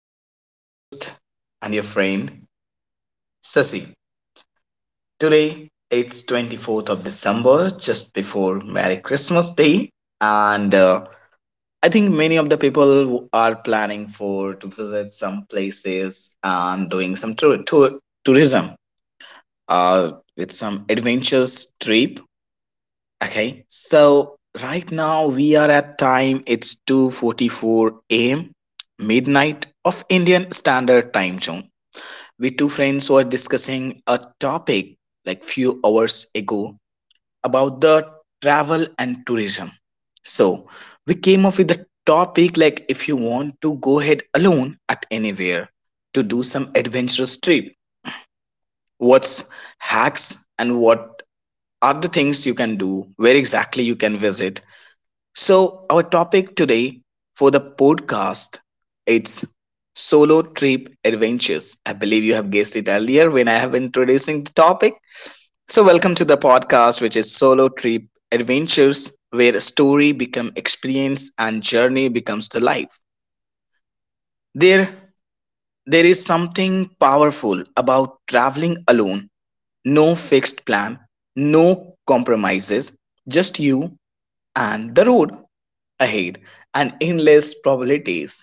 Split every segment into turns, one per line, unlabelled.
This is your host and your friend, Sasi. Today, it's 24th of December, just before Merry Christmas Day. And I think many of the people are planning for to visit some places and doing some tourism uh, with some adventures trip. Okay, so right now we are at time it's 2:44 a.m. midnight of Indian Standard Time Zone. We two friends were discussing a topic like few hours ago about the travel and tourism. So, we came up with the topic like if you want to go ahead alone at anywhere to do some adventurous trip, what's hacks and what are the things you can do, where exactly you can visit, so our topic today for the podcast it's solo trip adventures. I believe you have guessed it earlier when I have introducing the topic. So welcome to the podcast which is solo trip adventures where story become experience and journey becomes the life. There there is something powerful about traveling alone. No fixed plan, no compromises, just you and the road ahead and endless probabilities.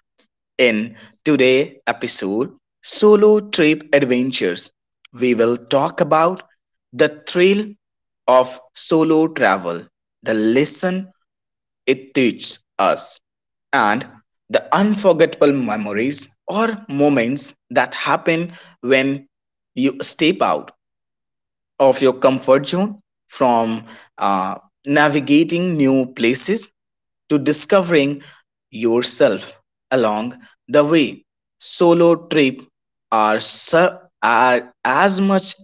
In today's episode, Solo Trip Adventures, we will talk about the thrill of solo travel, the lesson it teaches us, and the unforgettable memories or moments that happen when you step out of your comfort zone from uh, navigating new places to discovering yourself along the way. Solo trip are, su- are as much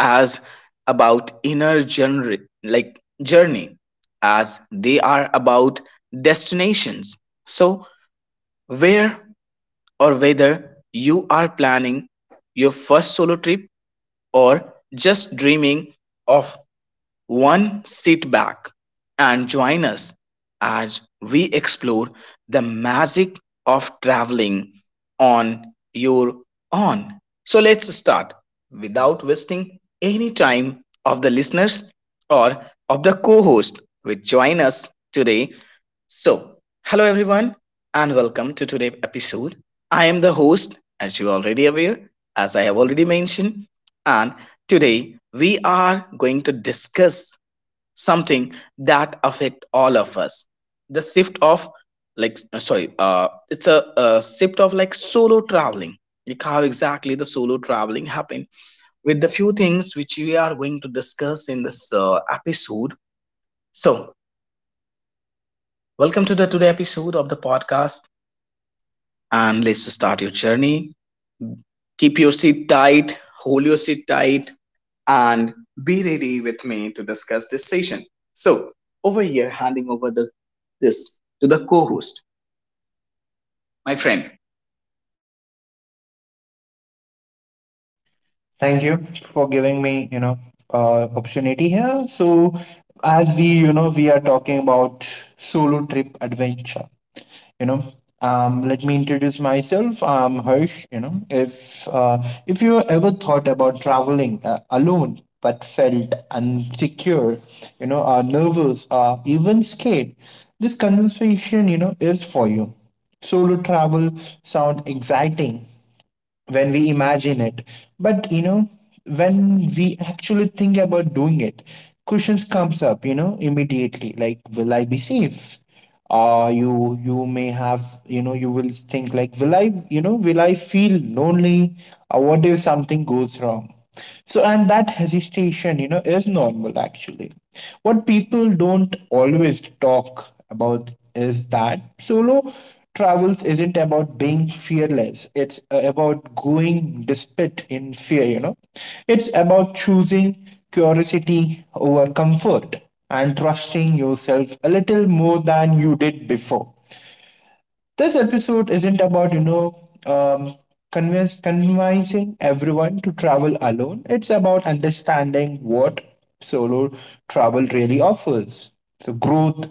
as about inner journey, like journey as they are about destinations. So, where or whether you are planning your first solo trip or just dreaming of one, sit back and join us as we explore the magic of traveling on your own. So let's start without wasting any time of the listeners or of the co-host will join us today. So, hello everyone and welcome to today's episode. I am the host as you already aware as I have already mentioned, and today we are going to discuss something that affect all of us, the shift of like sorry it's a shift of like solo traveling, like how exactly the solo traveling happened with the few things which we are going to discuss in this episode. So welcome to the today episode of the podcast, and let's start your journey. Keep your seat tight, hold your seat tight, and be ready with me to discuss this session. So over here handing over this to the co-host, my friend.
Thank you for giving me, opportunity here. So, as we are talking about solo trip adventure. You know, Let me introduce myself. I'm Harsh. If you ever thought about traveling alone but felt insecure, are nervous, or even scared, this conversation, is for you. Solo travel sound exciting, when we imagine it. But when we actually think about doing it, questions comes up, immediately. Like, will I be safe? You may have, you will think like, will I, will I feel lonely? Or what if something goes wrong? And that hesitation, is normal actually. What people don't always talk about is that solo travels isn't about being fearless, it's about going despite in fear, It's about choosing curiosity over comfort and trusting yourself a little more than you did before. This episode isn't about um, convincing everyone to travel alone. It's about understanding what solo travel really offers. So growth,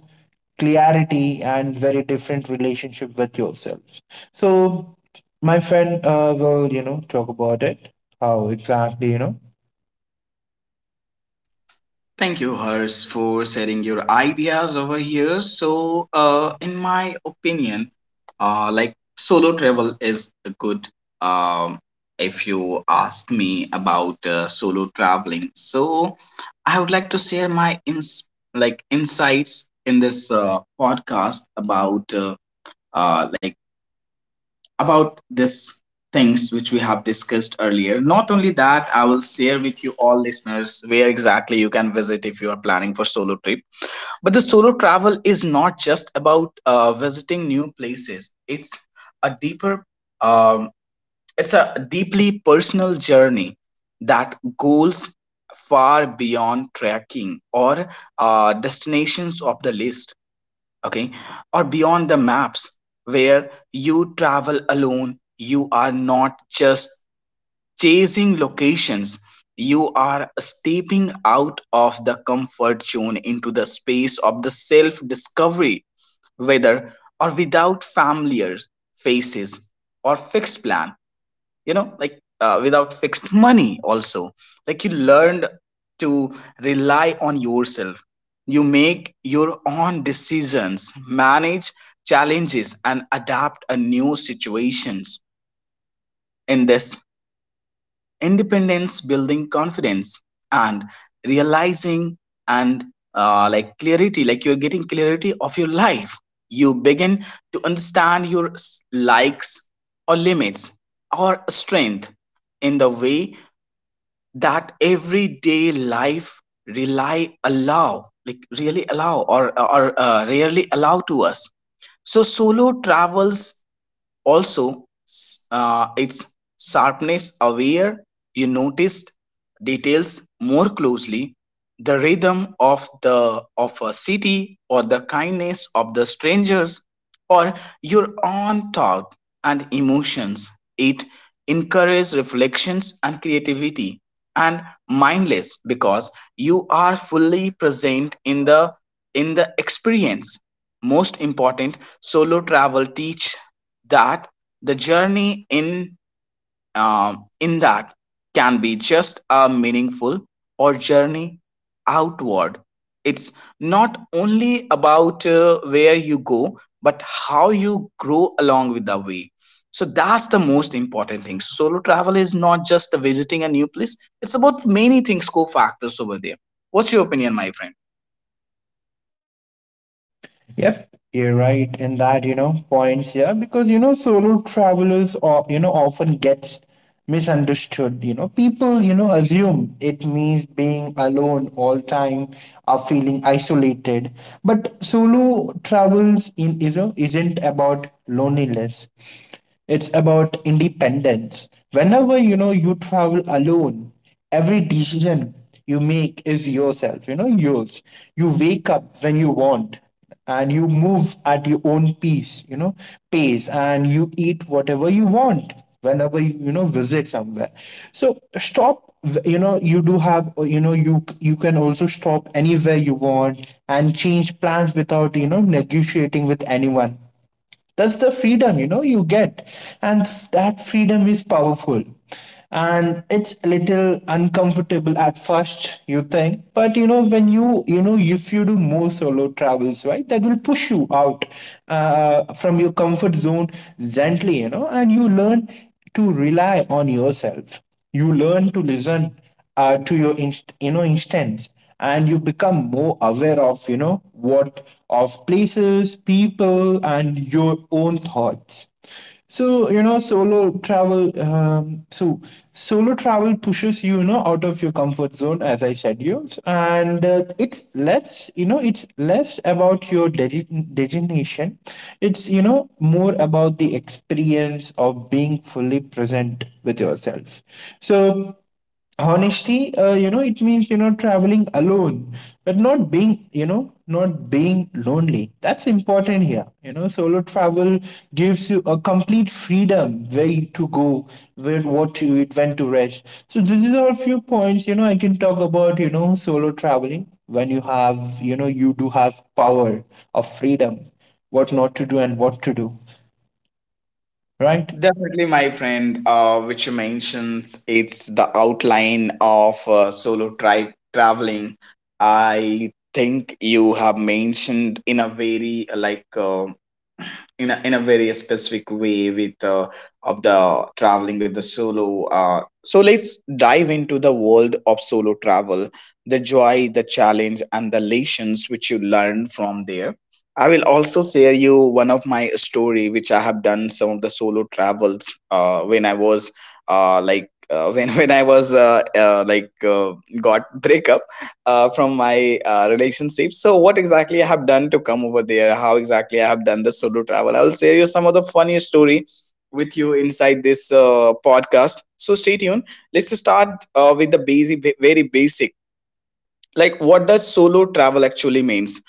clarity, and very different relationship with yourself. So my friend will talk about it, how exactly.
Thank you, Hers, for sharing your ideas over here. So, in my opinion, like solo travel is a good. Um, if you ask me about solo traveling, so I would like to share my ins like insights in this podcast about like about this things which we have discussed earlier. Not only that, I will share with you all listeners where exactly you can visit if you are planning for solo trip. But the solo travel is not just about visiting new places. It's a deeper, um, it's a deeply personal journey that goes far beyond tracking or destinations of the list, okay, or beyond the maps. Where you travel alone, you are not just chasing locations, you are stepping out of the comfort zone into the space of the self discovery, whether or without familiar faces or fixed plan, you know, without fixed money also, like you learned to rely on yourself. You make your own decisions, manage challenges and adapt a new situations. In this independence building confidence and realizing and like clarity, like you're getting clarity of your life. You begin to understand likes or limits or strength in the way that everyday life rely allow like really allow or rarely allow to us. So solo travels also, its sharpness aware, you noticed details more closely, the rhythm of the of a city or the kindness of the strangers or your own thought and emotions. It encourages reflections and creativity and mindless because you are fully present in the experience. Most important, solo travel teach that the journey in that can be just a meaningful or journey outward. It's not only about where you go but how you grow along with the way. So that's the most important thing. So solo travel is not just the visiting a new place, it's about many things co factors over there. What's your opinion, my friend?
Yep, you're right in that, points, yeah, because solo travelers or often gets misunderstood. People, assume it means being alone all time or feeling isolated. But solo travels in isn't about loneliness. It's about independence. Whenever you travel alone, every decision you make is yourself, yours. You wake up when you want and you move at your own pace and you eat whatever you want whenever you, you know visit somewhere, so stop. You do have, you you can also stop anywhere you want and change plans without negotiating with anyone. That's the freedom you get, and that freedom is powerful. And it's a little uncomfortable at first you think, but you know when you know if you do more solo travels, right, that will push you out from your comfort zone gently, and you learn to rely on yourself. You learn to listen to your instance, and you become more aware of what of places, people, and your own thoughts. So solo travel pushes you, you know out of your comfort zone, as I said, you, and uh, it's less about your destination. It's, more about the experience of being fully present with yourself. So honesty, it means, traveling alone, but not not being lonely. That's important here. You know, solo travel gives you a complete freedom, where to go, where, what to eat, when to rest. So this is our few points, I can talk about, solo traveling, when you have, you do have power of freedom, what not to do and what to do, right?
Definitely, my friend, which you mentioned, it's the outline of solo tri traveling. I think you have mentioned in a very in in a very specific way with of the traveling with the solo so let's dive into the world of solo travel, the joy, the challenge and the lessons which you learn from there. I will also share you one of my story which I have done some of the solo travels when I was like when when I was got breakup from my relationship. So, what exactly I have done to come over there? How exactly I have done the solo travel? I will share you some of the funny story with you inside this podcast. So, stay tuned. Let's start with the basic, very basic, like what does solo travel actually means.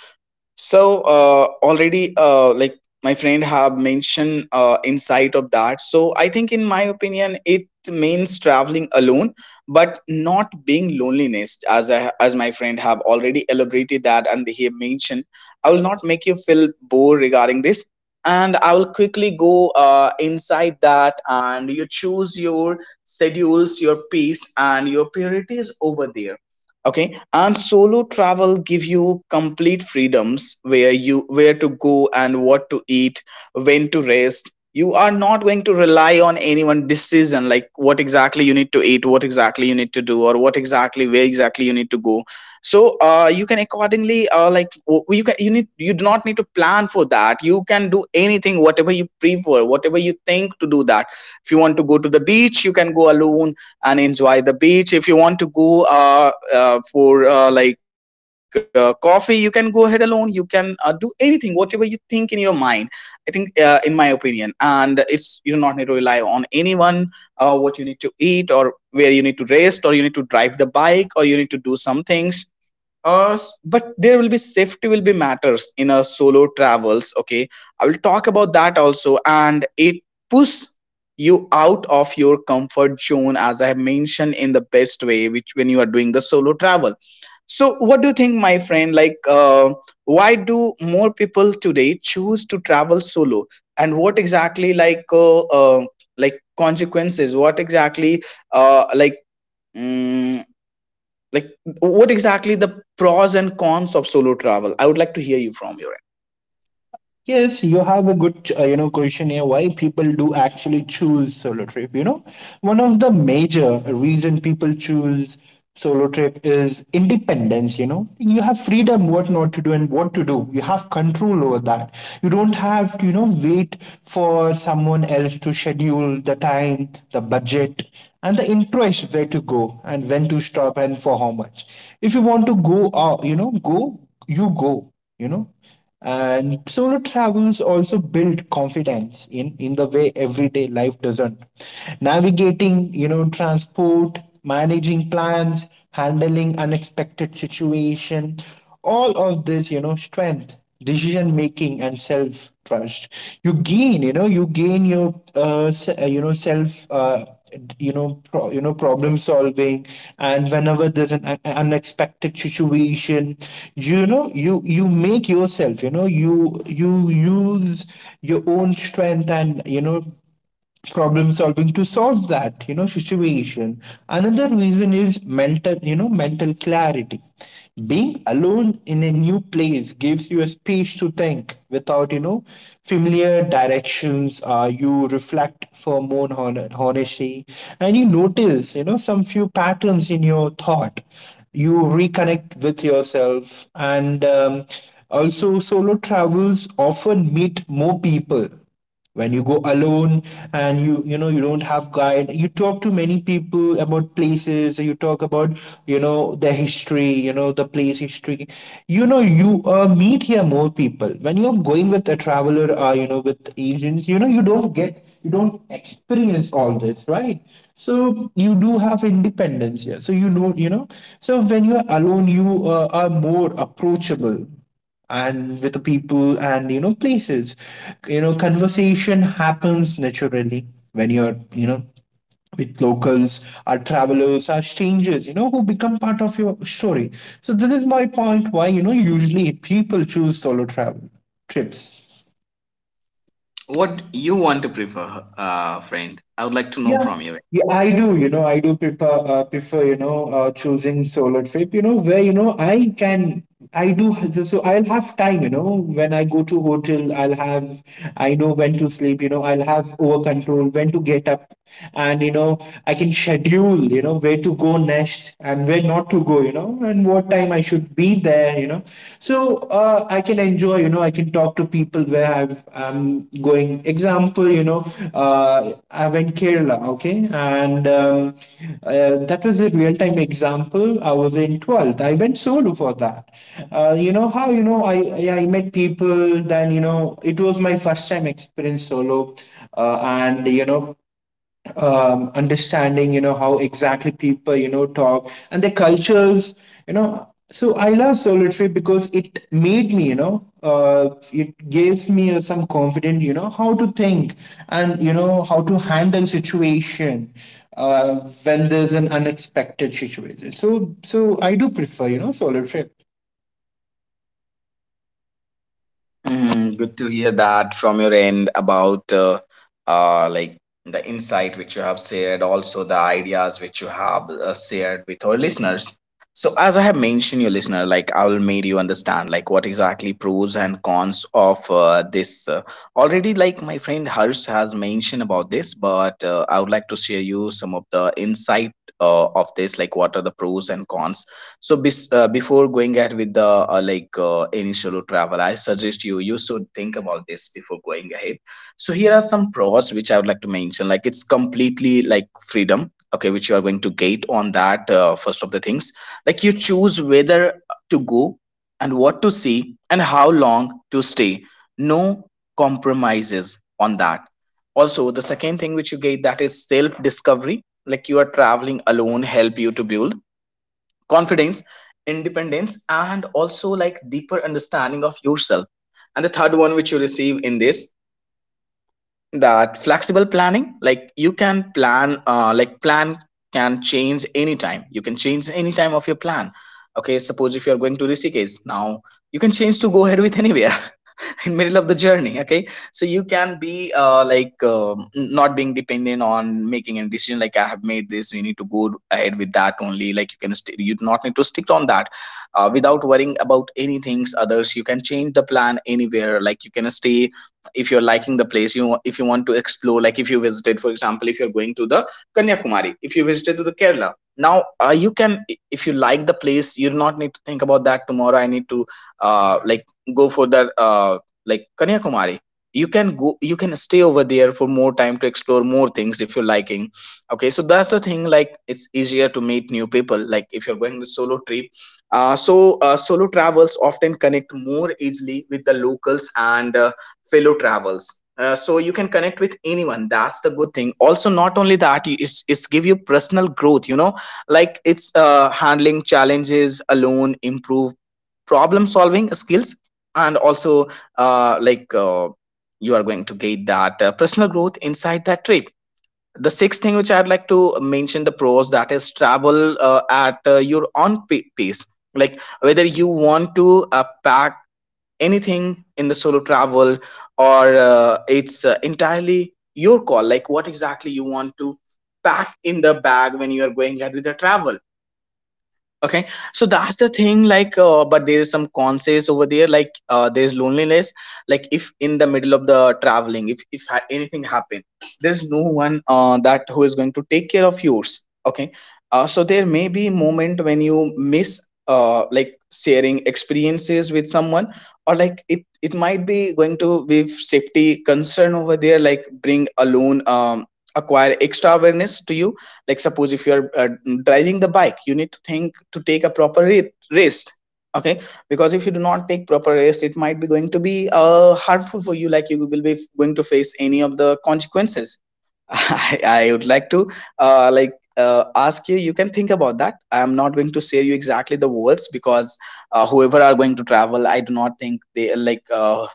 So already like my friend have mentioned insight of that. So I think in my opinion it means traveling alone but not being loneliness as as my friend have already elaborated that and he have mentioned. I will not make you feel bored regarding this, and I will quickly go inside that, and you choose your schedules, your pace and your priorities over there, okay. And solo travel give you complete freedoms, where you where to go and what to eat, when to rest. You are not going to rely on anyone decision, like what exactly you need to eat, what exactly you need to do, or what exactly where exactly you need to go. So you can accordingly, you can you need you do not need to plan for that. You can do anything whatever you prefer, whatever you think to do that. If you want to go to the beach, you can go alone and enjoy the beach. If you want to go for like coffee, you can go ahead alone. You can do anything whatever you think in your mind. I think in my opinion, and it's you do not need to rely on anyone what you need to eat or where you need to rest, or you need to drive the bike or you need to do something. But there will be safety will be matters in a solo travels, okay. I will talk about that also. And it push you out of your comfort zone as I have mentioned in the best way which when you are doing the solo travel. So what do you think, my friend, why do more people today choose to travel solo, and what exactly consequences, what exactly uh, like mm, like what exactly the pros and cons of solo travel? I would like to hear you from your end.
Yes, you have a good, question here. Why people do actually choose solo trip? You know, one of the major reason people choose solo trip is independence. You know, you have freedom what not to do and what to do. You have control over that. You don't have to, wait for someone else to schedule the time, the budget, and the interest, where to go and when to stop and for how much. If you want to go, go. You know, and solo travels also build confidence in the way everyday life doesn't, navigating transport, managing plans, handling unexpected situation. All of this, strength, decision making, and self trust. You gain, you know you gain your se- you know self you know pro, you know problem solving. And whenever there's an unexpected situation, you make yourself, you use your own strength and problem solving to solve that, situation. Another reason is mental you know mental clarity. Being alone in a new place gives you a space to think without familiar directions. You reflect for more honesty and you notice, some few patterns in your thought. You reconnect with yourself. And also solo travels often meet more people when you go alone, and you know you don't have guide, you talk to many people about places. You talk about their history, the place history. You know you Meet here more people. When you're going with a traveler, or with agents, you don't get, you don't experience all this, right? So you do have independence here, so so when you're alone, you are more approachable, and with the people and places, conversation happens naturally when you're with locals, our travelers, our strangers, who become part of your story. So this is my point, why usually people choose solo travel trips.
What you want to prefer, friend? I would like to know
Yeah,
from you.
yeah, I do. You know, I do prefer choosing solo trip. You know, where I can, I do. So I'll have time. You know, when I go to hotel, I'll have. I know when to sleep. You know, I'll have over control when to get up, and I can schedule. You know, where to go next and where not to go. You know, and what time I should be there. You know, so I can enjoy, I can talk to people where I'm going. Example, uh, I went Kerala. Okay and that was a real time example. I was in 12th. I went solo for that. You know how you know I met people. Then you know It was my first time experience solo. And you know Understanding, how exactly people, talk and their cultures. So I love solitary, because it made me, it gave me, some confidence, how to think and how to handle situation uh, when there's an unexpected situation. So I do prefer, solitary.
Hmm, good to hear that from your end about like the insight which you have shared, also the ideas which you have shared with our listeners. So, as I have mentioned, your listener, like I will make you understand like what exactly pros and cons of this. Already, like my friend Harsh has mentioned about this, but I would like to share you some of the insight of this, like what are the pros and cons. So bes before going ahead with the any solo travel, I suggest you you should think about this before going ahead. So here are some pros which I would like to mention. Like it's completely like freedom, okay, which you are going to get on that, first of the things. Like you choose whether to go and what to see and how long to stay. No compromises on that. Also, the second thing which you get that is self discovery. Like you are traveling alone, help you to build confidence independence and also like deeper understanding of yourself and the third one which you receive in this that flexible planning like you can plan like plan can change anytime you can change any time of your plan. Okay, suppose if you are going to Rishikesh now, you can change to go ahead with anywhere in middle of the journey. Okay, so you can be not being dependent on making any decision like I have made this we need to go ahead with that only like you can you do not need to stick on that, without worrying about anything others you can change the plan anywhere like you can stay if you're liking the place you if you want to explore like if you visited for example if you're going to the Kanyakumari if you visited to the Kerala now, you can if you like the place you do not need to think about that tomorrow I need to uh, like go for the Kanyakumari. You can go, you can stay over there for more time to explore more things if you're liking. Okay, so that's the thing. Like, it's easier to meet new people. Like, if you're going to solo trip, solo travels often connect more easily with the locals and fellow travels. So you can connect with anyone. That's the good thing. Also, not only that, it's give you personal growth. You know, like it's handling challenges alone, improve problem solving skills, and also uh, like uh, you are going to get that personal growth inside that trip. The sixth thing which I'd like to mention the pros, that is travel at your own pace, like whether you want to pack anything in the solo travel, or it's entirely your call like what exactly you want to pack in the bag when you are going out with the travel. Okay, so that's the thing. Like, but there is some conses over there. Like, there's loneliness. Like, if in the middle of the traveling, if anything happen, there's no one that who is going to take care of yours. Okay, so there may be moment when you miss like sharing experiences with someone, or like it might be going to be safety concern over there. Like, bring alone acquire extra awareness to you, like suppose if you're driving the bike you need to think to take a proper rest. Okay, because if you do not take proper rest it might be going to be harmful for you, like you will be going to face any of the consequences. I would like to ask you, you can think about that. I am not going to share you exactly the words because whoever are going to travel I do not think they like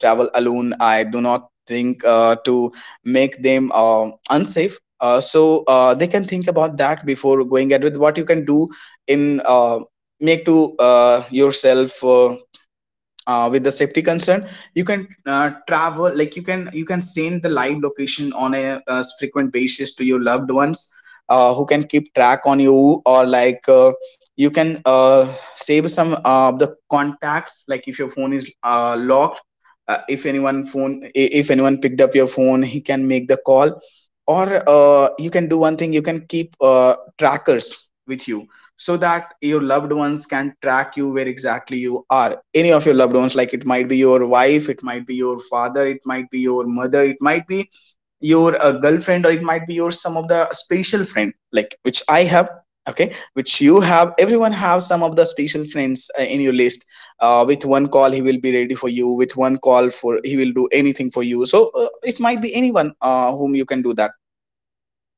travel alone. I do not think to make them unsafe. They can think about that before going ahead with what you can do in make to yourself, with the safety concern you can travel. Like you can send the live location on a, frequent basis to your loved ones who can keep track on you, or like you can save some of the contacts, like if your phone is locked, if anyone picked up your phone he can make the call. Or you can do one thing, you can keep trackers with you so that your loved ones can track you where exactly you are, any of your loved ones, like it might be your wife, it might be your father, it might be your mother, it might be your girlfriend, or it might be your some of the special friend like which I have, okay, which you have, everyone have some of the special friends in your list. With one call he will be ready for you, with one call for he will do anything for you. So it might be anyone whom you can do that.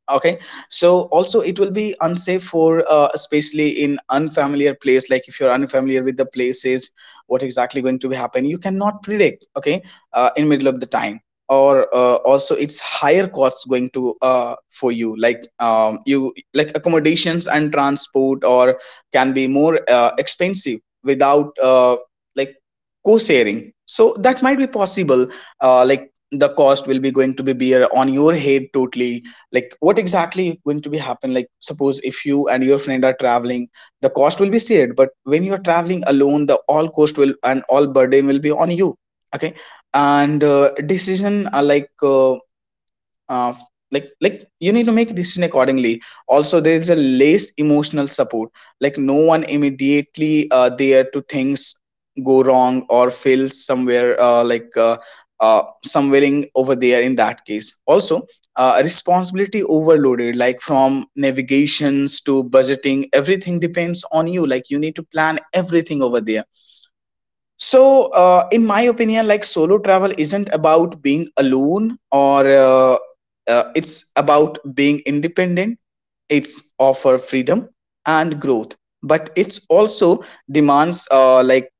Okay, so also it will be unsafe for especially in unfamiliar place. Like if you're unfamiliar with the places, what exactly going to be happen, you cannot predict. Okay, in middle of the time, or also it's higher costs going to for you. Like you like accommodations and transport, or can be more expensive without like co-sharing. So that might be possible. Like the cost will be going to be bear on your head totally, like what exactly is going to be happen. Like suppose if you and your friend are traveling the cost will be shared, but when you are traveling alone the all cost will and all burden will be on you. Okay, and decision are like uh, like you need to make a decision accordingly. Also there is a less emotional support, like no one immediately there to things go wrong or fail somewhere, somewhere over there. In that case also responsibility overloaded, like from navigations to budgeting everything depends on you, like you need to plan everything over there. So, in my opinion, like solo travel isn't about being alone or it's about being independent. It's offer freedom and growth, but it's also demands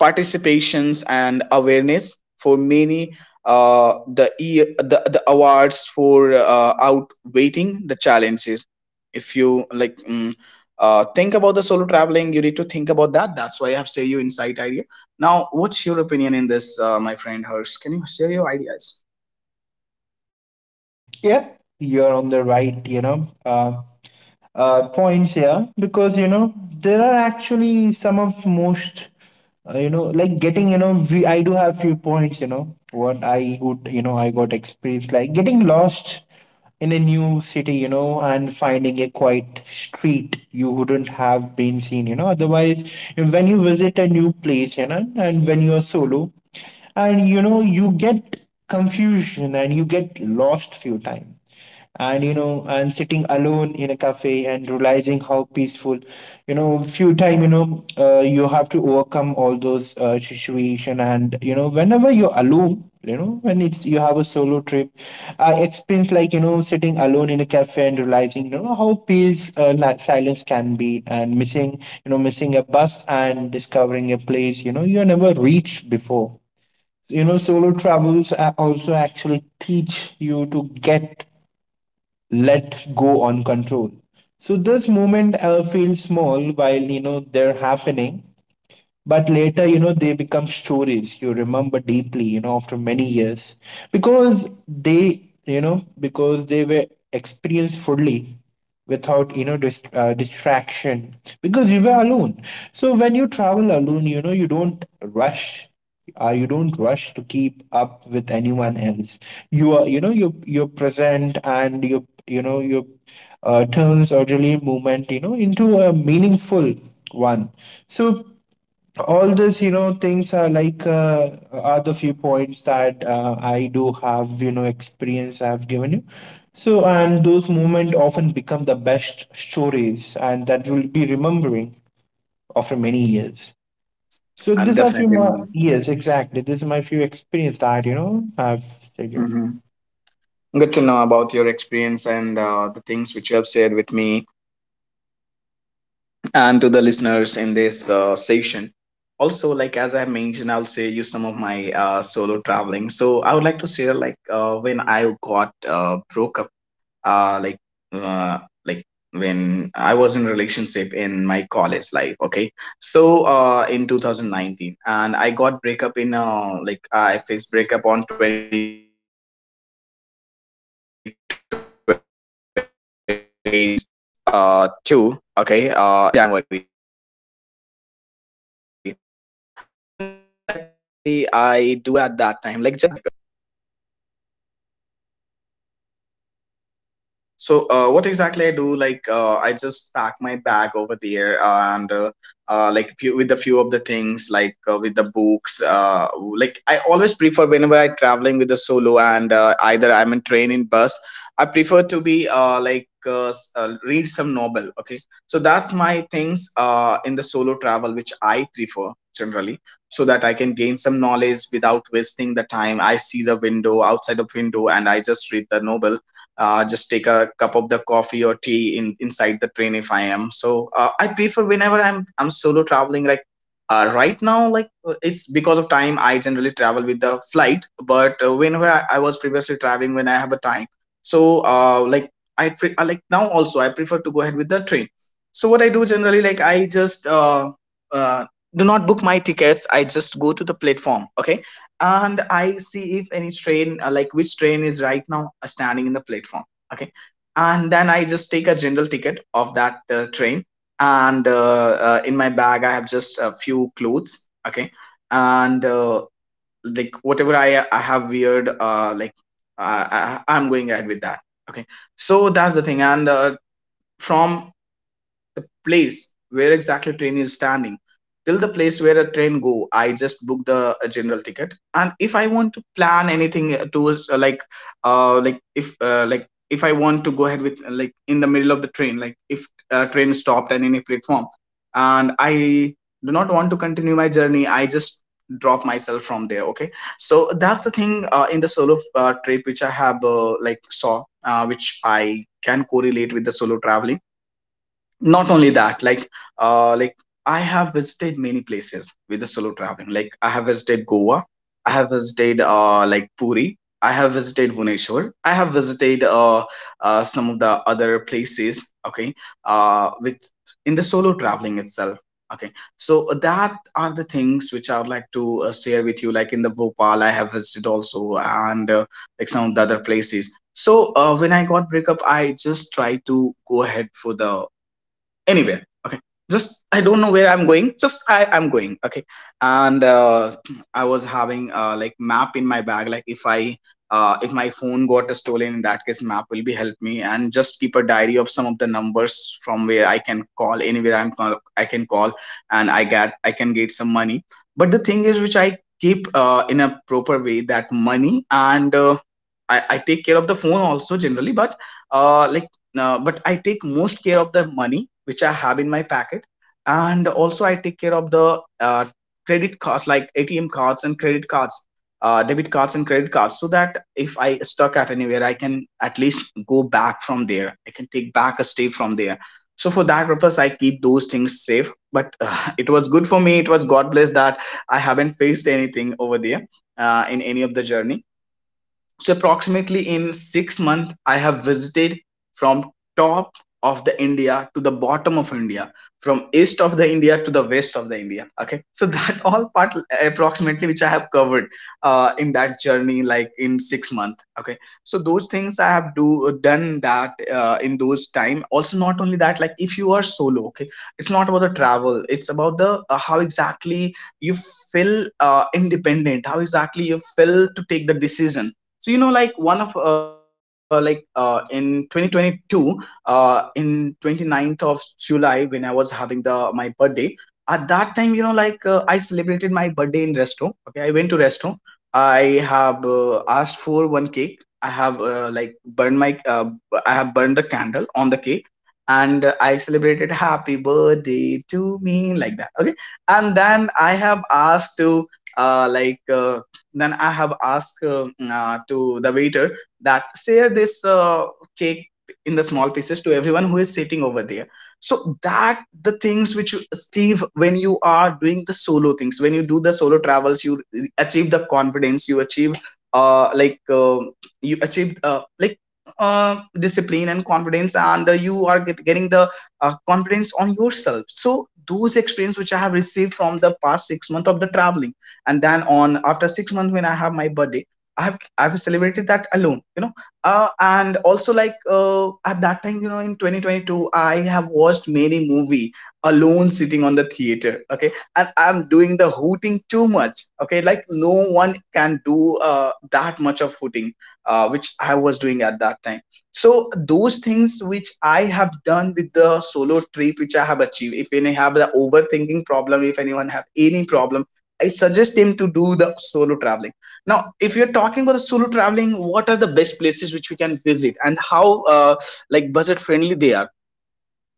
participations and awareness for many the, the awards for outweighing the challenges. If you like, think about the solo traveling you need to think about that. That's why I have say you insight idea. Now what's your opinion in this, my friend Hers, can you share your ideas?
Yep, you're on the right, points here, because there are actually some of most, you know like getting you know we, I do have few points, you know what I would you know I got experience like getting lost in a new city, and finding a quiet street you wouldn't have been seen, otherwise, when you visit a new place, and when you are solo, and you get confusion and you get lost few times. And and sitting alone in a cafe and realizing how peaceful, you know few time you know you have to overcome all those situation. And whenever you're alone, when it's, you have a solo trip, I experience like, sitting alone in a cafe and realizing how peace, like silence can be, and missing, missing a bus and discovering a place you never reached before. You know, solo travels also actually teach you to get, let go on control. So this moment feels small while they're happening, but later, they become stories you remember deeply, after many years, because they you know because they were experienced fully without, distraction, because you were alone. So when you travel alone, you don't rush, you don't rush to keep up with anyone else. You are, you're present, and you turns orderly movement, into a meaningful one. So all this, things are like, are the few points that, I do have, experience I've given you. So and those moments often become the best stories, and that will be remembering after many years. So
And
this are few
definitely,
more. Yes, exactly, this is my few experience that, I've said you.
hmm, good to know about your experience and the things which you have shared with me and to the listeners in this session. Also, like as I mentioned, I'll say you some of my solo traveling. So I would like to share, like when I got broke up, uh like uh like when I was in relationship in my college life. Okay, so in 2019, and I got breakup in I faced breakup on twenty twenty two, okay, in January. So you know like what exactly I do at that time, like just I pack the bag some of the essential thing, like I do like just like so what exactly I do? Like, I just pack my bag over there, and like few with a few of the things, like with the books. Like I always prefer whenever I traveling with a solo, and either I'm in train in bus. I prefer to be read some novel. Okay, so that's my things in the solo travel, which I prefer generally, so that I can gain some knowledge without wasting the time. I see the window outside of window, and I just read the novel, just take a cup of the coffee or tea in inside the train if I am. So I prefer whenever I'm solo traveling. Like right now, like it's because of time I generally travel with the flight. But whenever I was previously traveling when I have a time, so I like, now also I prefer to go ahead with the train. So what I do generally, like I just uh, do not book my tickets. I just go to the platform. Okay, and I see if any train, like which train is right now standing in the platform. Okay, and then I just take a general ticket of that train, and in my bag I have just a few clothes. Okay, and like whatever I have weird, am going ahead with that. Okay, so that's the thing, and from the place where exactly train is standing till the place where a train go, I just book the general ticket. And if I want to plan anything towards if if I want to go ahead with like in the middle of the train, like if train stopped at any platform and I do not want to continue my journey, I just drop myself from there. Okay, so that's the thing in the solo trip which I have saw, which I can correlate with the solo traveling. Not only that, like uh like I have visited many places with the solo traveling. Like I have visited Goa, I have visited Puri, I have visited Bhubaneswar. I have visited some of the other places, okay, with in the solo traveling itself. Okay, so that are the things which I would like to share with you, like in the Bhopal I have visited also, and like some of the other places. So when I got breakup, I just try to go ahead for the anywhere. Okay, just I don't know where I'm going, just I'm going. Okay, and I was having like map in my bag, like if I if my phone got stolen, in that case map will be help me, and just keep a diary of some of the numbers from where I can call anywhere. I can call and I can get some money. But the thing is which I keep in a proper way that money. And I take care of the phone also generally, but uh like but I take most care of the money which I have in my packet. And also I take care of the credit cards, like ATM cards and credit cards, debit cards and credit cards, so that if I stuck at anywhere I can at least go back from there, I can take back a step from there. So for that purpose I keep those things safe. But it was good for me, it was God bless that I haven't faced anything over there in any of the journey. So approximately in 6 months, I have visited from top of the India to the bottom of India, from east of the India to the west of the India. Okay, so that all part approximately which I have covered in that journey, like in 6 months. Okay, so those things I have do done that in those time. Also, not only that, like if you are solo, okay, it's not about the travel. It's about the how exactly you feel independent, how exactly you feel to take the decision. So you know, like one of in 2022, in 29th of July when I was having the my birthday, at that time, you know, I celebrated my birthday in resto. Okay, I went to resto. I have asked for one cake. I have burned my I have burned the candle on the cake, and I celebrated happy birthday to me, like that. Okay, and then I have asked to uh, like uh, then I have asked, to the waiter that share this cake in the small pieces to everyone who is sitting over there. So that the things which you achieve when you are doing the solo things, when you do the solo travels, you achieve the confidence, you achieve uh like uh, you achieve discipline and confidence, and you are getting the confidence on yourself. So those experience which I have received from the past 6 months of the traveling, and then on after 6 months when I have my birthday, I've celebrated that alone, you know. And also, at that time, you know, in 2022 I have watched many movie alone sitting on the theater. Okay, and I'm doing the hooting too much. Okay, like no one can do that much of hooting which I was doing at that time. So those things which I have done with the solo trip, which I have achieved, if any have the overthinking problem, if anyone have any problem, I suggest him to do the solo traveling. Now, if you're talking about the solo traveling, what are the best places which we can visit, and how like budget friendly they are?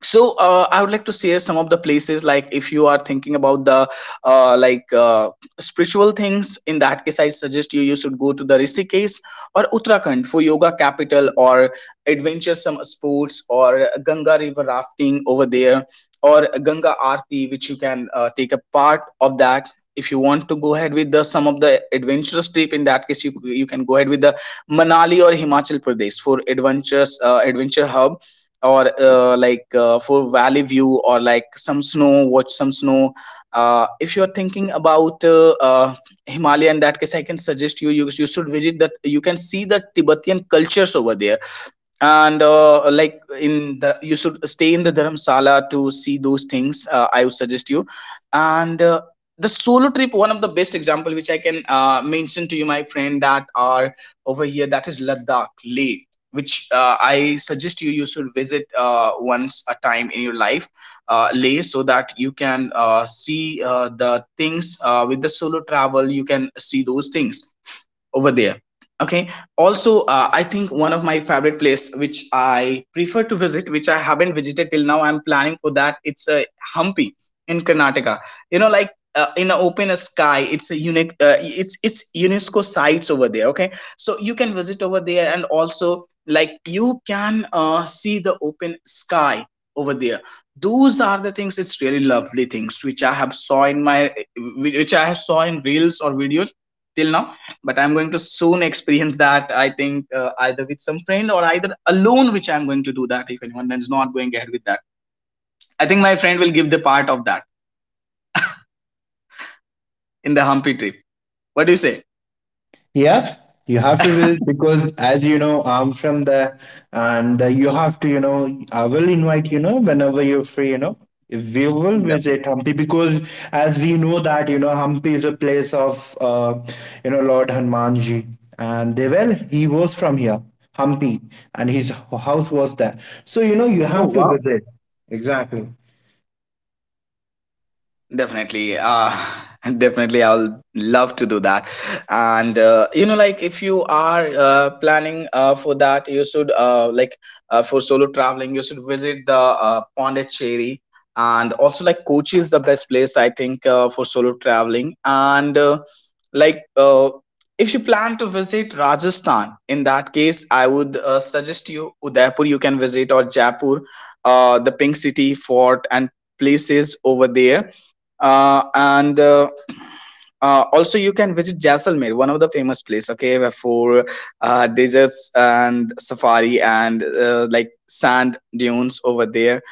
So I would like to share some of the places. Like, if you are thinking about the uh, like uh, spiritual things, in that case, I suggest you, you should go to the Rishikesh or Uttarakhand for yoga capital, or adventuresome sports, or Ganga river rafting over there, or Ganga Aarti, which you can take a part of that. If you want to go ahead with the some of the adventurous trip, in that case, you can go ahead with the Manali or Himachal Pradesh for adventurous adventure hub, or for valley view, or like some snow, watch some snow. If you're thinking about Himalaya, in that case I can suggest you, you should visit that. You can see the Tibetan cultures over there, and like in the you should stay in the Dharamsala to see those things, I would suggest you. And the solo trip, one of the best example which I can mention to you, my friend, that are over here, that is Ladakh Leh, which I suggest you, you should visit once a time in your life, Leh, so that you can see the things with the solo travel, you can see those things over there. Okay, also I think one of my favorite place which I prefer to visit, which I haven't visited till now, I'm planning for that. It's a Hampi in Karnataka. You know, in an open sky, it's a unique, it's UNESCO sites over there. Okay, so you can visit over there, and also like you can see the open sky over there. Those are the things, it's really lovely things which I have saw in my, which I have saw in reels or videos till now. But I'm going to soon experience that. I think either with some friend or either alone, which I'm going to do that. If anyone is not going ahead with that, I think my friend will give the part of that in the Hampi trip. What do you say?
Yeah, you have to visit, because, as you know, I'm from there, and you have to, you know, I will invite, whenever you're free, you know. We will visit
Definitely.
Hampi, because, as we know that, Hampi is a place of Lord Hanumanji, and they, well, he was from here, Hampi, and his house was there. So you know, you
Oh,
have to
wow.
visit. Exactly.
Definitely. Definitely, I'll love to do that. And you know, like if you are planning for that, you should for solo traveling, you should visit the Pondicherry. And also, like Kochi is the best place I think for solo traveling. And like uh, if you plan to visit Rajasthan, in that case, I would suggest you Udaipur. You can visit, or Jaipur, the Pink City Fort, and places over there. And also you can visit Jaisalmer, one of the famous place, okay, where for deserts and safari, and like sand dunes over there.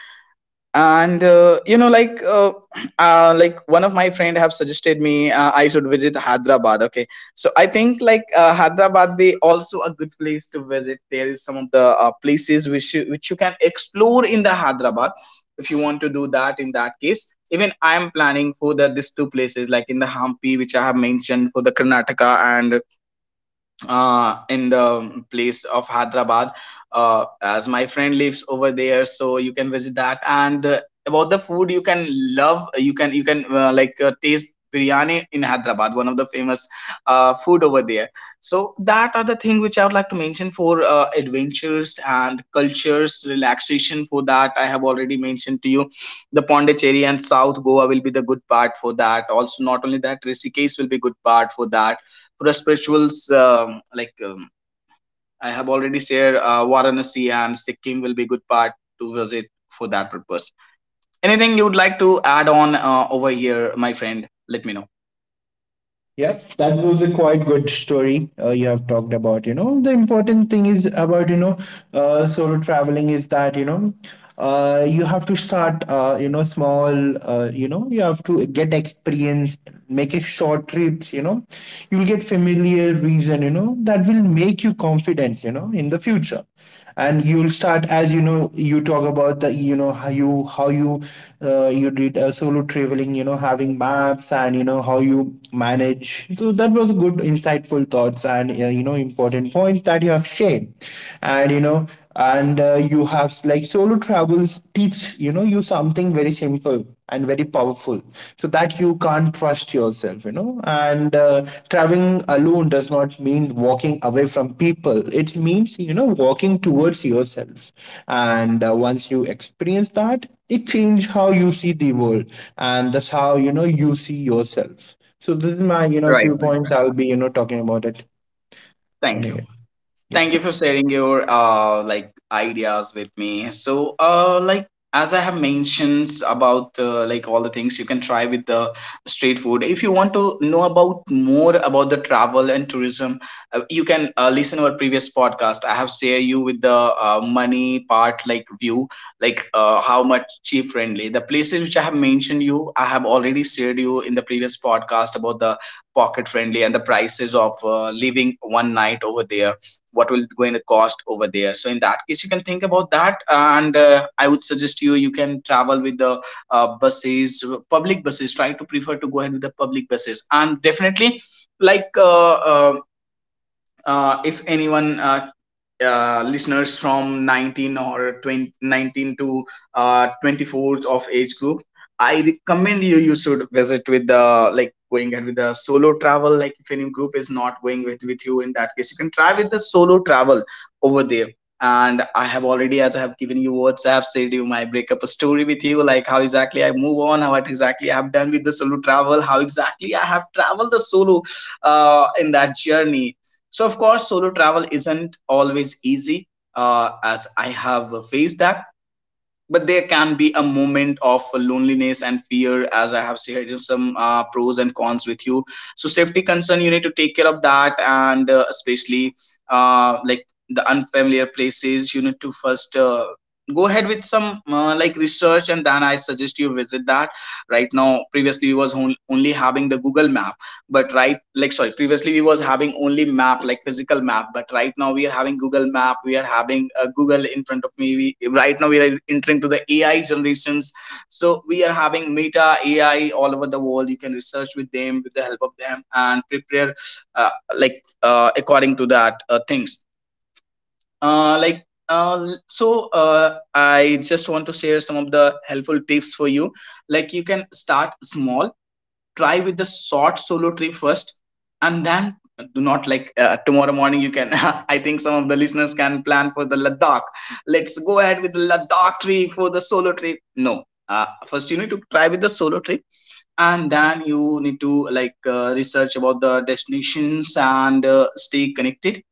And you know, like one of my friend have suggested me I should visit Hyderabad. Okay, so I think Hyderabad be also a good place to visit. There is some of the places which which you can explore in the Hyderabad, if you want to do that, in that case. Even I am planning for the these two places, like in the Hampi, which I have mentioned, for the Karnataka, and in the place of Hyderabad. As my friend lives over there, so you can visit that. And about the food, you can love, you can taste biryani in Hyderabad, one of the famous food over there. So that are the thing which I would like to mention for adventures and cultures, relaxation. For that, I have already mentioned to you the Pondicherry and South Goa will be the good part for that. Also, not only that, Rishikesh will be good part for that, for the spirituals. I have already shared, Varanasi and Sikkim will be good part to visit for that purpose. Anything you would like to add on over here, my friend? Let me know.
Yep, that was a quite good story you have talked about. You know, the important thing is about, solo traveling is that, you have to start, small, you have to get experience, make a short trips, you know, you'll get familiar reason, you know, that will make you confident, you know, in the future, and you'll start as you know you talk about the you know how you you did solo traveling, you know, having maps, and you know how you manage. So that was a good insightful thoughts and, you know, important points that you have shared. And you know and You have like solo travels teach, you know, you something very simple and very powerful, so that you can't trust yourself, you know. And Traveling alone does not mean walking away from people. It means, you know, walking towards yourself, and once you experience that, it changes how you see the world, and that's how, you know, you see yourself. So this is my, you know,
Right,
few
my
points
friend.
I'll be, you know, talking about it and
Thank you.
again, yep.
Thank you for sharing your ideas with me. So as I have mentioned about like all the things, you can try with the street food. If you want to know about more about the travel and tourism, you can listen our previous podcast. I have share you with the money part, like view, how much cheap friendly the places which I have mentioned you. I have already shared you in the previous podcast about the pocket friendly and the prices of living one night over there what will going to cost over there, so in that case you can think about that. And I would suggest you you can travel with the buses, public buses. Try to prefer to go ahead with the public buses. And definitely like uh, uh, if anyone listeners from 19 or 2019 to 24th of age group, I recommend you you should visit with the like going ahead with the solo travel. Like if any group is not going with you, in that case you can try with the solo travel over there. And I have already, as I have given you WhatsApp, I said you my breakup story with you, like how exactly I move on, how, what exactly I have done with the solo travel, how exactly I have traveled the solo in that journey. So, of course, solo travel isn't always easy, as I have faced that. But there can be a moment of loneliness and fear, as I have shared some pros and cons with you. So, safety concern, you need to take care of that, and especially like the unfamiliar places, you need to first go ahead with some like research, and then I suggest you visit that. Right now, previously, only having the Google Map. But right, like sorry, previously we was having only map, like physical map, but right now we are having Google Map, we are having Google in front of me. We, right now we are entering to the AI generations. So we are having Meta AI all over the world. You can research with them, with the help of them, and prepare according to that things. I just want to share some of the helpful tips for you. Like you can start small, try with the short solo trip first. And then do not like, tomorrow morning you can I think some of the listeners can plan for the Ladakh. Let's go ahead with the Ladakh trip for the solo trip. No, first you need to try with the solo trip, and then you need to research about the destinations, and stay connected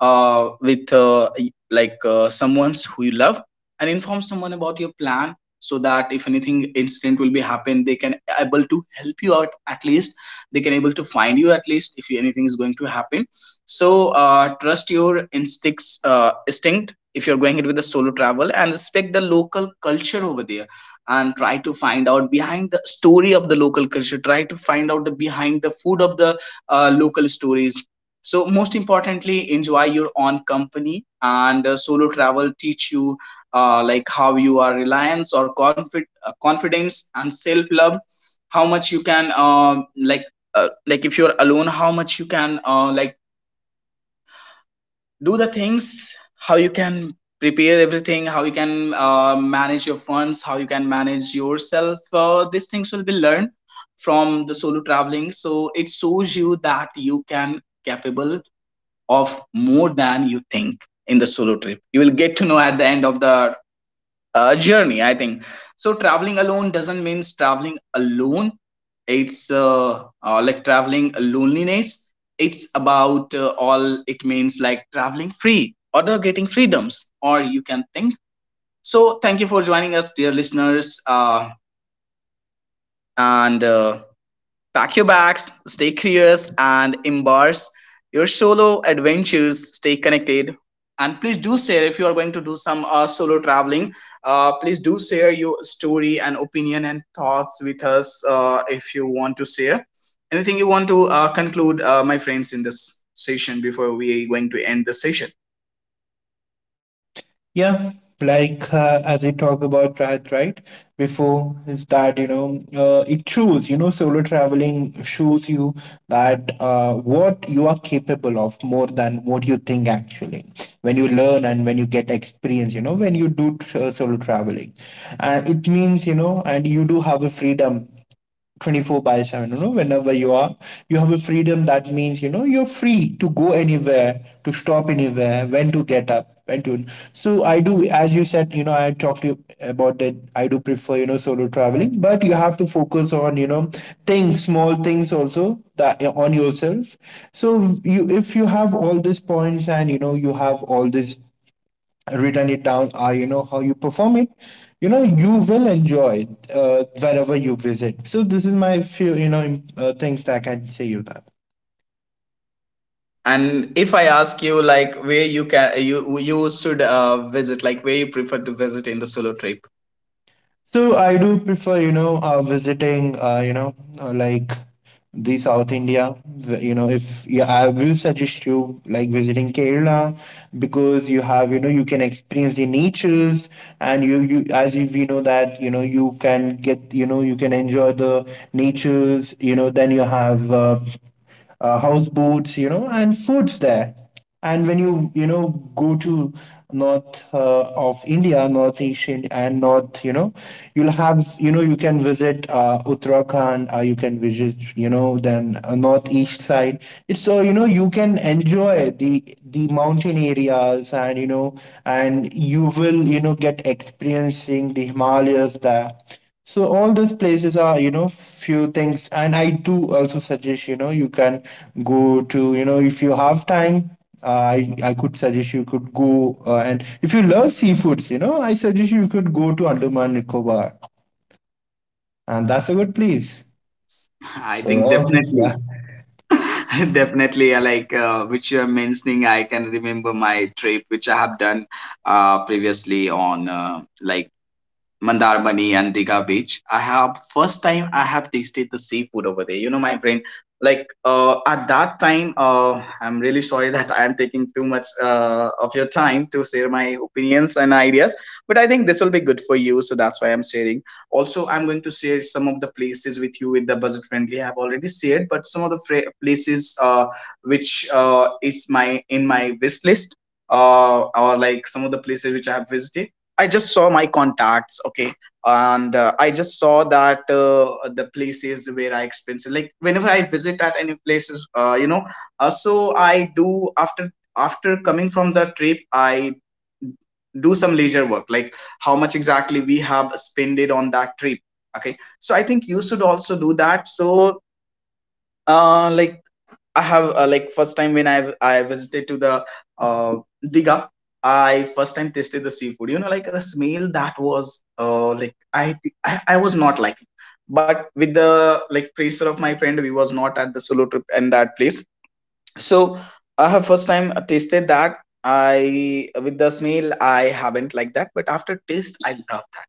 with someone's who you love. And inform someone about your plan, so that if anything incident will be happen, they can able to help you out at least. They can able to find you at least if anything is going to happen. So trust your instinct if you're going it with the solo travel, and respect the local culture over there. And try to find out behind the story of the local culture, try to find out the behind the food of the local stories. So most importantly, enjoy your own company. And solo travel teach you like how you are reliance or confidence and self love. How much you can like if you're alone, how much you can like do the things, how you can prepare everything, how you can manage your funds, how you can manage yourself. These things will be learned from the solo traveling. So it shows you that you can capable of more than you think in the solo trip. You will get to know at the end of the journey, I think. So, traveling alone doesn't mean traveling alone, it's like traveling loneliness. It's about all it means like traveling free or the getting freedoms, or you can think. So, thank you for joining us, dear listeners. And Pack your bags, stay curious, and embrace your solo adventures. Stay connected. And please do share if you are going to do some solo traveling. Please do share your story and opinion and thoughts with us if you want to share. Anything you want to conclude, my friends, in this session before we are going to end the session.
Yeah, like as we talk about right before, is that, you know, it shows, you know, solo traveling shows you that what you are capable of more than what you think actually, when you learn and when you get experience, you know, when you do solo traveling. And it means, you know, and you do have a freedom 24 by 7, you know, whenever you are, you have a freedom. That means, you know, you're free to go anywhere, to stop anywhere, when to get up, when to. So I do, as you said, you know, I talked to you about that, I do prefer, you know, solo traveling, but you have to focus on, you know, things, small things also, that on yourself. So, you, if you have all these points, and you know, you have all these written it down, or you know how you perform it, you know, you will enjoy it, wherever you visit. So this is my few, you know, things that I can say you that.
And if I ask you, like, where you can you should visit, like where you prefer to visit in the solo trip.
So I do prefer, you know, visiting, like the South India. You know, if yeah, I will suggest you like visiting Kerala, because you have, you know, you can experience the natures, and you, as if we know that, you know, you can get, you know, you can enjoy the natures. You know, then you have. House boats, you know, and foods there. And when you know, go to north, of India, North Asia and North, you know, you'll have, you know, you can visit, Uttarakhand, you can visit, you know, then, northeast side. It's so, you know, you can enjoy the mountain areas, and you know, and you will, you know, get experiencing the Himalayas there. So all these places are, you know, few things, and I do also suggest, you know, you can go to, you know, if you have time, uh, I could suggest you could go, and if you love seafoods, you know, I suggest you could go to Andaman Nicobar, and that's a good place.
I
So
think
all things,
definitely.
yeah,
Definitely, I like which you are mentioning, I can remember my trip which I have done previously on Mandarmani and Diga beach. I have first time I have tasted the seafood over there. You know, my friend, at that time, I'm really sorry that I am taking too much of your time to share my opinions and ideas, but I think this will be good for you, so that's why I'm sharing. Also, I'm going to share some of the places with you with the budget friendly. I've already shared, but some of the places which is my in my wish list, or like some of the places which I have visited. I just saw my contacts, okay, and I just saw that the places where I expense like whenever I visit at any places, you know, so I do after after coming from the trip, I do some leisure work, like how much exactly we have spended on that trip. Okay, so I think you should also do that. So uh, like I have first time when I visited to the uh Diga, I first time tasted the seafood. You know, like the smell, that was like I was not liking, but with the like pressure of my friend, we was not at the solo trip and that place. So I have first time tasted that. I, with the smell I haven't liked that, but after taste I love that.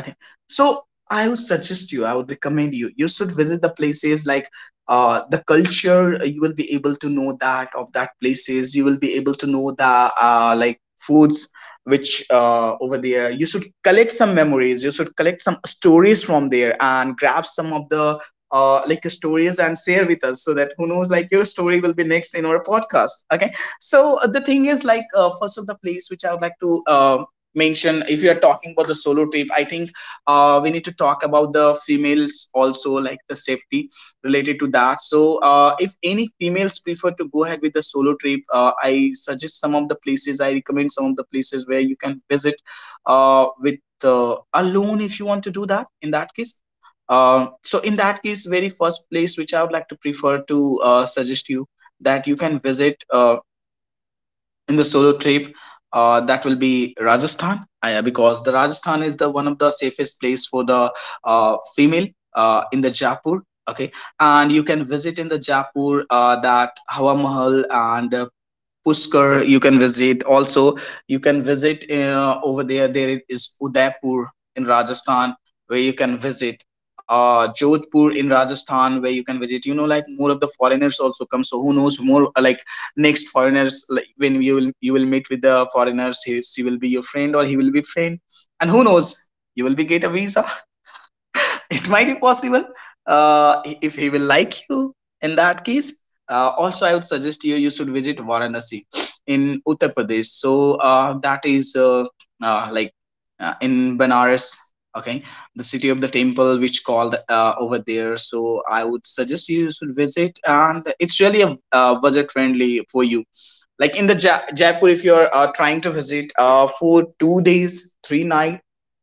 Okay. So I would suggest you, I would recommend you, you should visit the places like the culture. You will be able to know that of that places. You will be able to know the like foods which over there. You should collect some memories. You should collect some stories from there and grab some of the like stories and share with us, so that who knows, like your story will be next in our podcast. Okay. So the thing is first of the place which I would like to mention. If you're talking about the solo trip, I think we need to talk about the females also, like the safety related to that. So if any females prefer to go ahead with the solo trip, I suggest some of the places, I recommend some of the places where you can visit with alone, if you want to do that. In that case, so in that case, very first place which I would like to prefer to suggest you that you can visit in the solo trip, that will be Rajasthan, I, because the Rajasthan is the one of the safest place for the female, in the Jaipur. Okay. And you can visit in the Jaipur, that Hawa Mahal, and Pushkar you can visit. Also, you can visit over there. There is Udaipur in Rajasthan where you can visit. Jodhpur in Rajasthan where you can visit. You know, like more of the foreigners also come. So who knows more? Like next foreigners, like when you will meet with the foreigners, he, she will be your friend or he will be friend, and who knows, you will be get a visa. It might be possible if he will like you, in that case. Also, I would suggest you you should visit Varanasi in Uttar Pradesh. So that is like in Banaras, okay, the city of the temple which called over there. So I would suggest you should visit, and it's really a budget friendly for you. Like in the Jaipur, if you're trying to visit for 2 days, three night,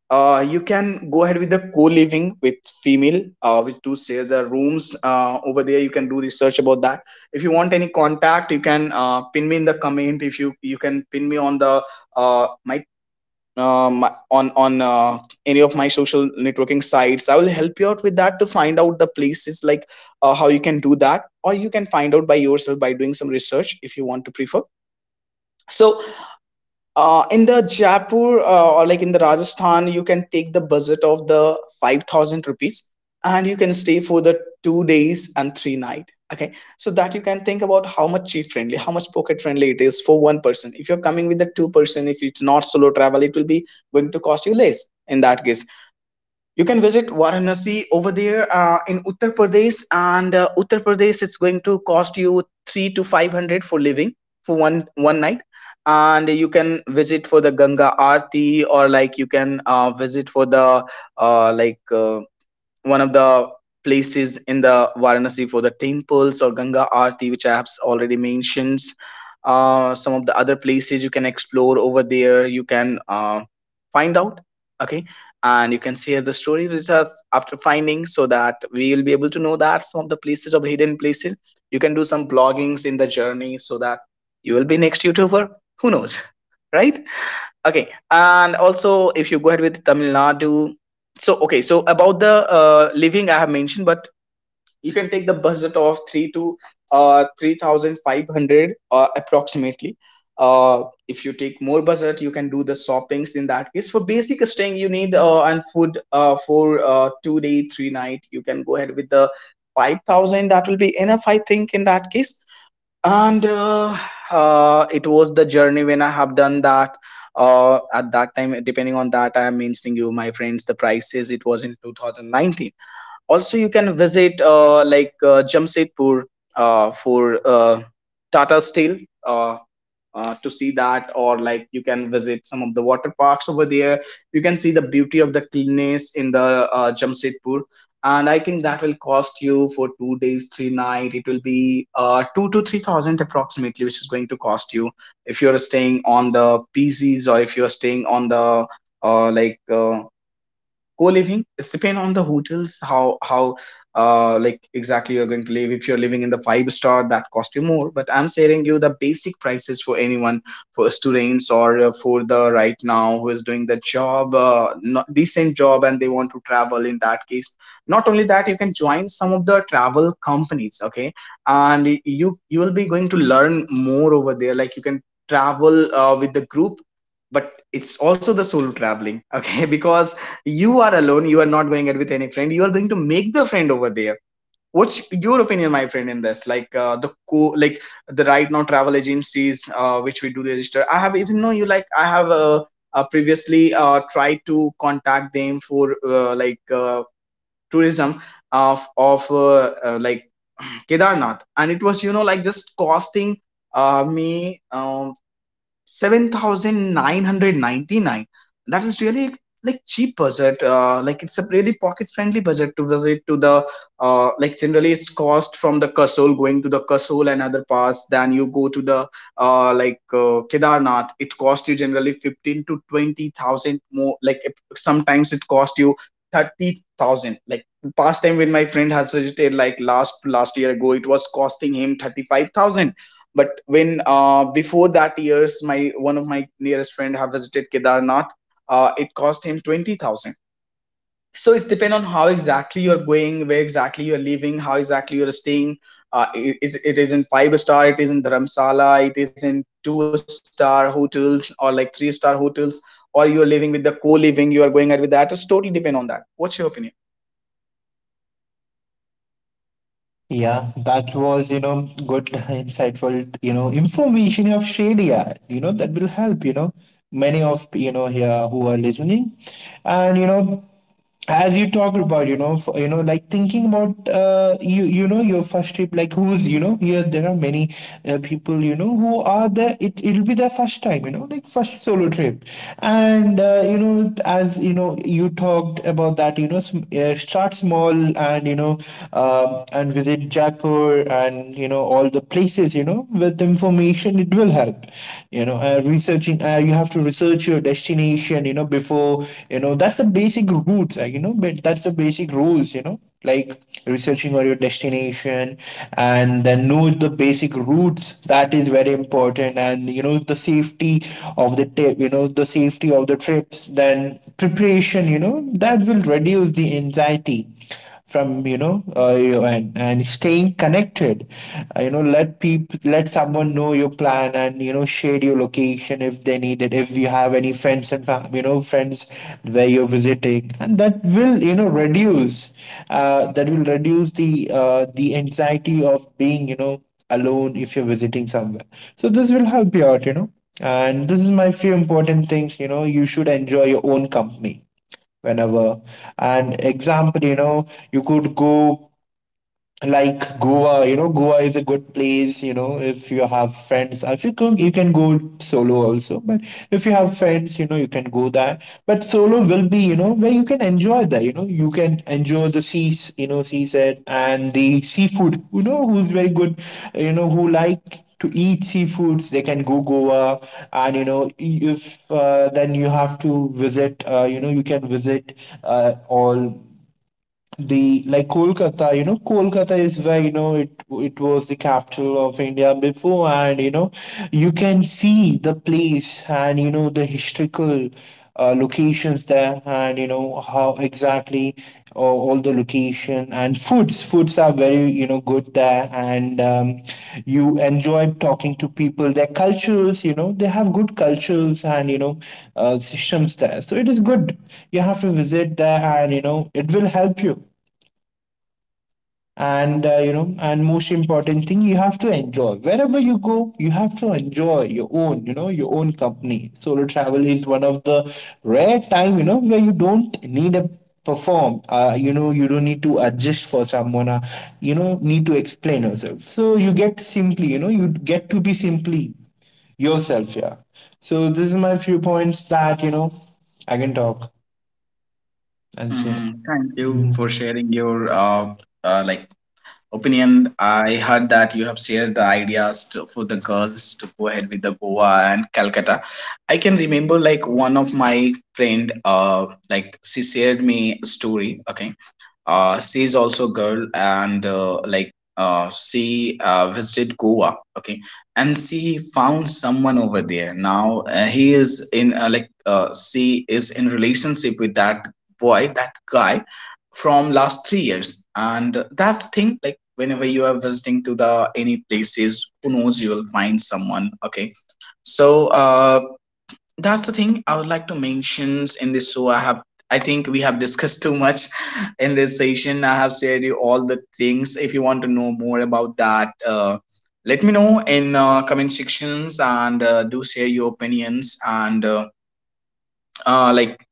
you can go ahead with the co-living with female, with to share the rooms over there. You can do research about that. If you want any contact, you can pin me in the comment. If you you can pin me on the uh, my on any of my social networking sites. I will help you out with that to find out the places, like how you can do that, or you can find out by yourself by doing some research if you want to prefer. So, in the Jaipur or like in the Rajasthan, you can take the budget of the 5,000 rupees, and you can stay for the 2 days and three night. Okay. So that you can think about how much cheap friendly, how much pocket friendly it is for one person. If you're coming with the two-person, if it's not solo travel, it will be going to cost you less. In that case, you can visit Varanasi over there in Uttar Pradesh, and Uttar Pradesh it's going to cost you three to five hundred for living for one one night. And you can visit for the Ganga Aarti, or like you can visit for the uh, like. Uh, one of the places in the Varanasi for the temples or Ganga Aarti, which I have already mentioned. Some of the other places you can explore over there, you can find out. Okay, and you can share the story with us after finding so that we will be able to know that some of the places of hidden places. You can do some bloggings in the journey so that you will be next YouTuber. Who knows, right? Okay, and also if you go ahead with Tamil Nadu, so okay, so about the living I have mentioned, but you can take the budget of three to 3,500 approximately. If you take more budget, you can do the shoppings in that case. For basic staying, you need and food for 2 day, three night. You can go ahead with the 5,000. That will be enough, I think, in that case and it was the journey when I have done that, at that time. Depending on that, I am mentioning you my friends the prices. It was in 2019. Also you can visit Jamshedpur for Tata Steel, uh, to see that, or like you can visit some of the water parks over there. You can see the beauty of the cleanness in the Jamshedpur, and I think that will cost you, for 2 days three night, it will be 2 to 3,000 approximately, which is going to cost you if you're staying on the PCs, or if you're staying on the uh, like uh, co-living. It's depend on the hotels. How exactly you're going to live. If you're living in the five star, that cost you more, but I'm sharing you the basic prices for anyone, for students, or for the right now who is doing the job, not decent job, and they want to travel. In that case, not only that, you can join some of the travel companies, okay. And you will be going to learn more over there. Like you can travel with the group, but it's also the solo traveling, okay. Because you are alone. You are not going out with any friend. You are going to make the friend over there. What's your opinion, my friend, in this? Like the right now travel agencies which we do register. I have even know you. Like I have previously tried to contact them for tourism of Kedarnath, and it was, you know, like just costing me 7,999. That is really like cheap budget. Like it's a really pocket friendly budget to visit to the generally. It's cost from the Kasol, going to the Kasol and other parts. Then you go to the Kedarnath. It cost you generally 15 to 20,000 more. Like if- sometimes it cost you 30,000. Like past time, when my friend has visited, like last year ago, it was costing him 35,000. But when, before that years, my one of my nearest friend have visited Kedarnath, it cost him 20,000. So it's depend on how exactly you're going, where exactly you're living, how exactly you're staying. It is in five star, it is in Dharamsala, it is in two-star hotels, or like three-star hotels, or you're living with the co-living, you are going out with that. It's totally depend on that. What's your opinion?
yeah, that was, you know, good, insightful, you know, information of Shadia, you know, that will help, you know, many of, you know, here who are listening. And you know As you talked about, you know, for, you know, like thinking about, you know, your first trip, like who's, you know, here. There are many people, you know, who are there. It it'll be their first time, you know, like first solo trip. And You know, as you know, you talked about that, you know, start small, and you know, and visit Jaipur, and you know all the places. You know, with information it will help, you know, researching. You have to research your destination, you know, before. You know, that's the basic routes, you know, but that's the basic rules, you know, like researching on your destination, and then know the basic routes. That is very important, and you know the safety of the trip, you know, the safety of the trips, then preparation, you know, that will reduce the anxiety from, and staying connected. You know, let people, let someone know your plan, and you know, share your location if they need it, if you have any you know, friends where you're visiting, and that will, you know, reduce that will reduce the anxiety of being, you know, alone if you're visiting somewhere. So this will help you out, you know. And this is my few important things, you know, you should enjoy your own company whenever. And example, you know, you could go like Goa. You know, Goa is a good place, you know, if you have friends. If you go, you can go solo also. But if you have friends, you know, you can go there. But solo will be, you know, where you can enjoy that, you know, you can enjoy the seas, you know, seaside and the seafood, you know, who's very good, you know, who like to eat seafoods, they can go Goa. And you know, if then you have to visit, you can visit, all the like Kolkata. You know, Kolkata is where, you know, it was the capital of India before, and you know, you can see the place, and you know the historical locations there, and you know how exactly all the location and foods are very, you know, good there, and you enjoy talking to people. Their cultures, you know, they have good cultures, and you know systems there, so it is good. You have to visit there, and you know it will help you. And You know, and most important thing, you have to enjoy wherever you go. You have to enjoy your own, you know, your own company. Solo travel is one of the rare time, you know, where you don't need a perform, you know, you don't need to adjust for someone, you know, need to explain yourself. So you get simply, you know, you get to be simply yourself, yeah. So this is my few points that, you know, I can talk and say.
Hmm. Thank you for sharing your uh, like opinion. I heard that you have shared the ideas to, for the girls, to go ahead with the Goa and Calcutta. I can remember like one of my friend, she shared me a story. Okay, she's also a girl, and she visited Goa, okay, and she found someone over there. Now he is in like she is in relationship with that boy, that guy, from last 3 years, and that's the thing. Like whenever you are visiting to the any places, who knows, you will find someone, okay. So that's the thing I would like to mention in this. I think we have discussed too much in this session. I have shared you all the things. If you want to know more about that, let me know in comment sections, and do share your opinions, and uh, like.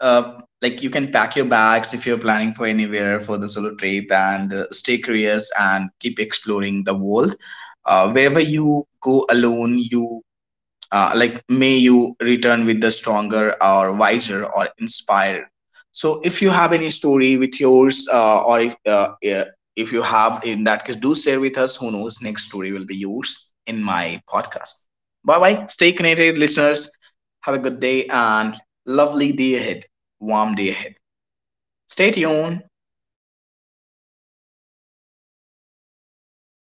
You can pack your bags if you're planning for anywhere for the solo trip, and stay curious and keep exploring the world. Wherever you go alone, you may you return with the stronger or wiser or inspired. So if you have any story with yours, or if yeah, if you have, in that case, do share with us. Who knows, next story will be yours in my podcast. Bye bye, stay connected listeners. Have a good day, and lovely day ahead, warm day ahead, stay tuned.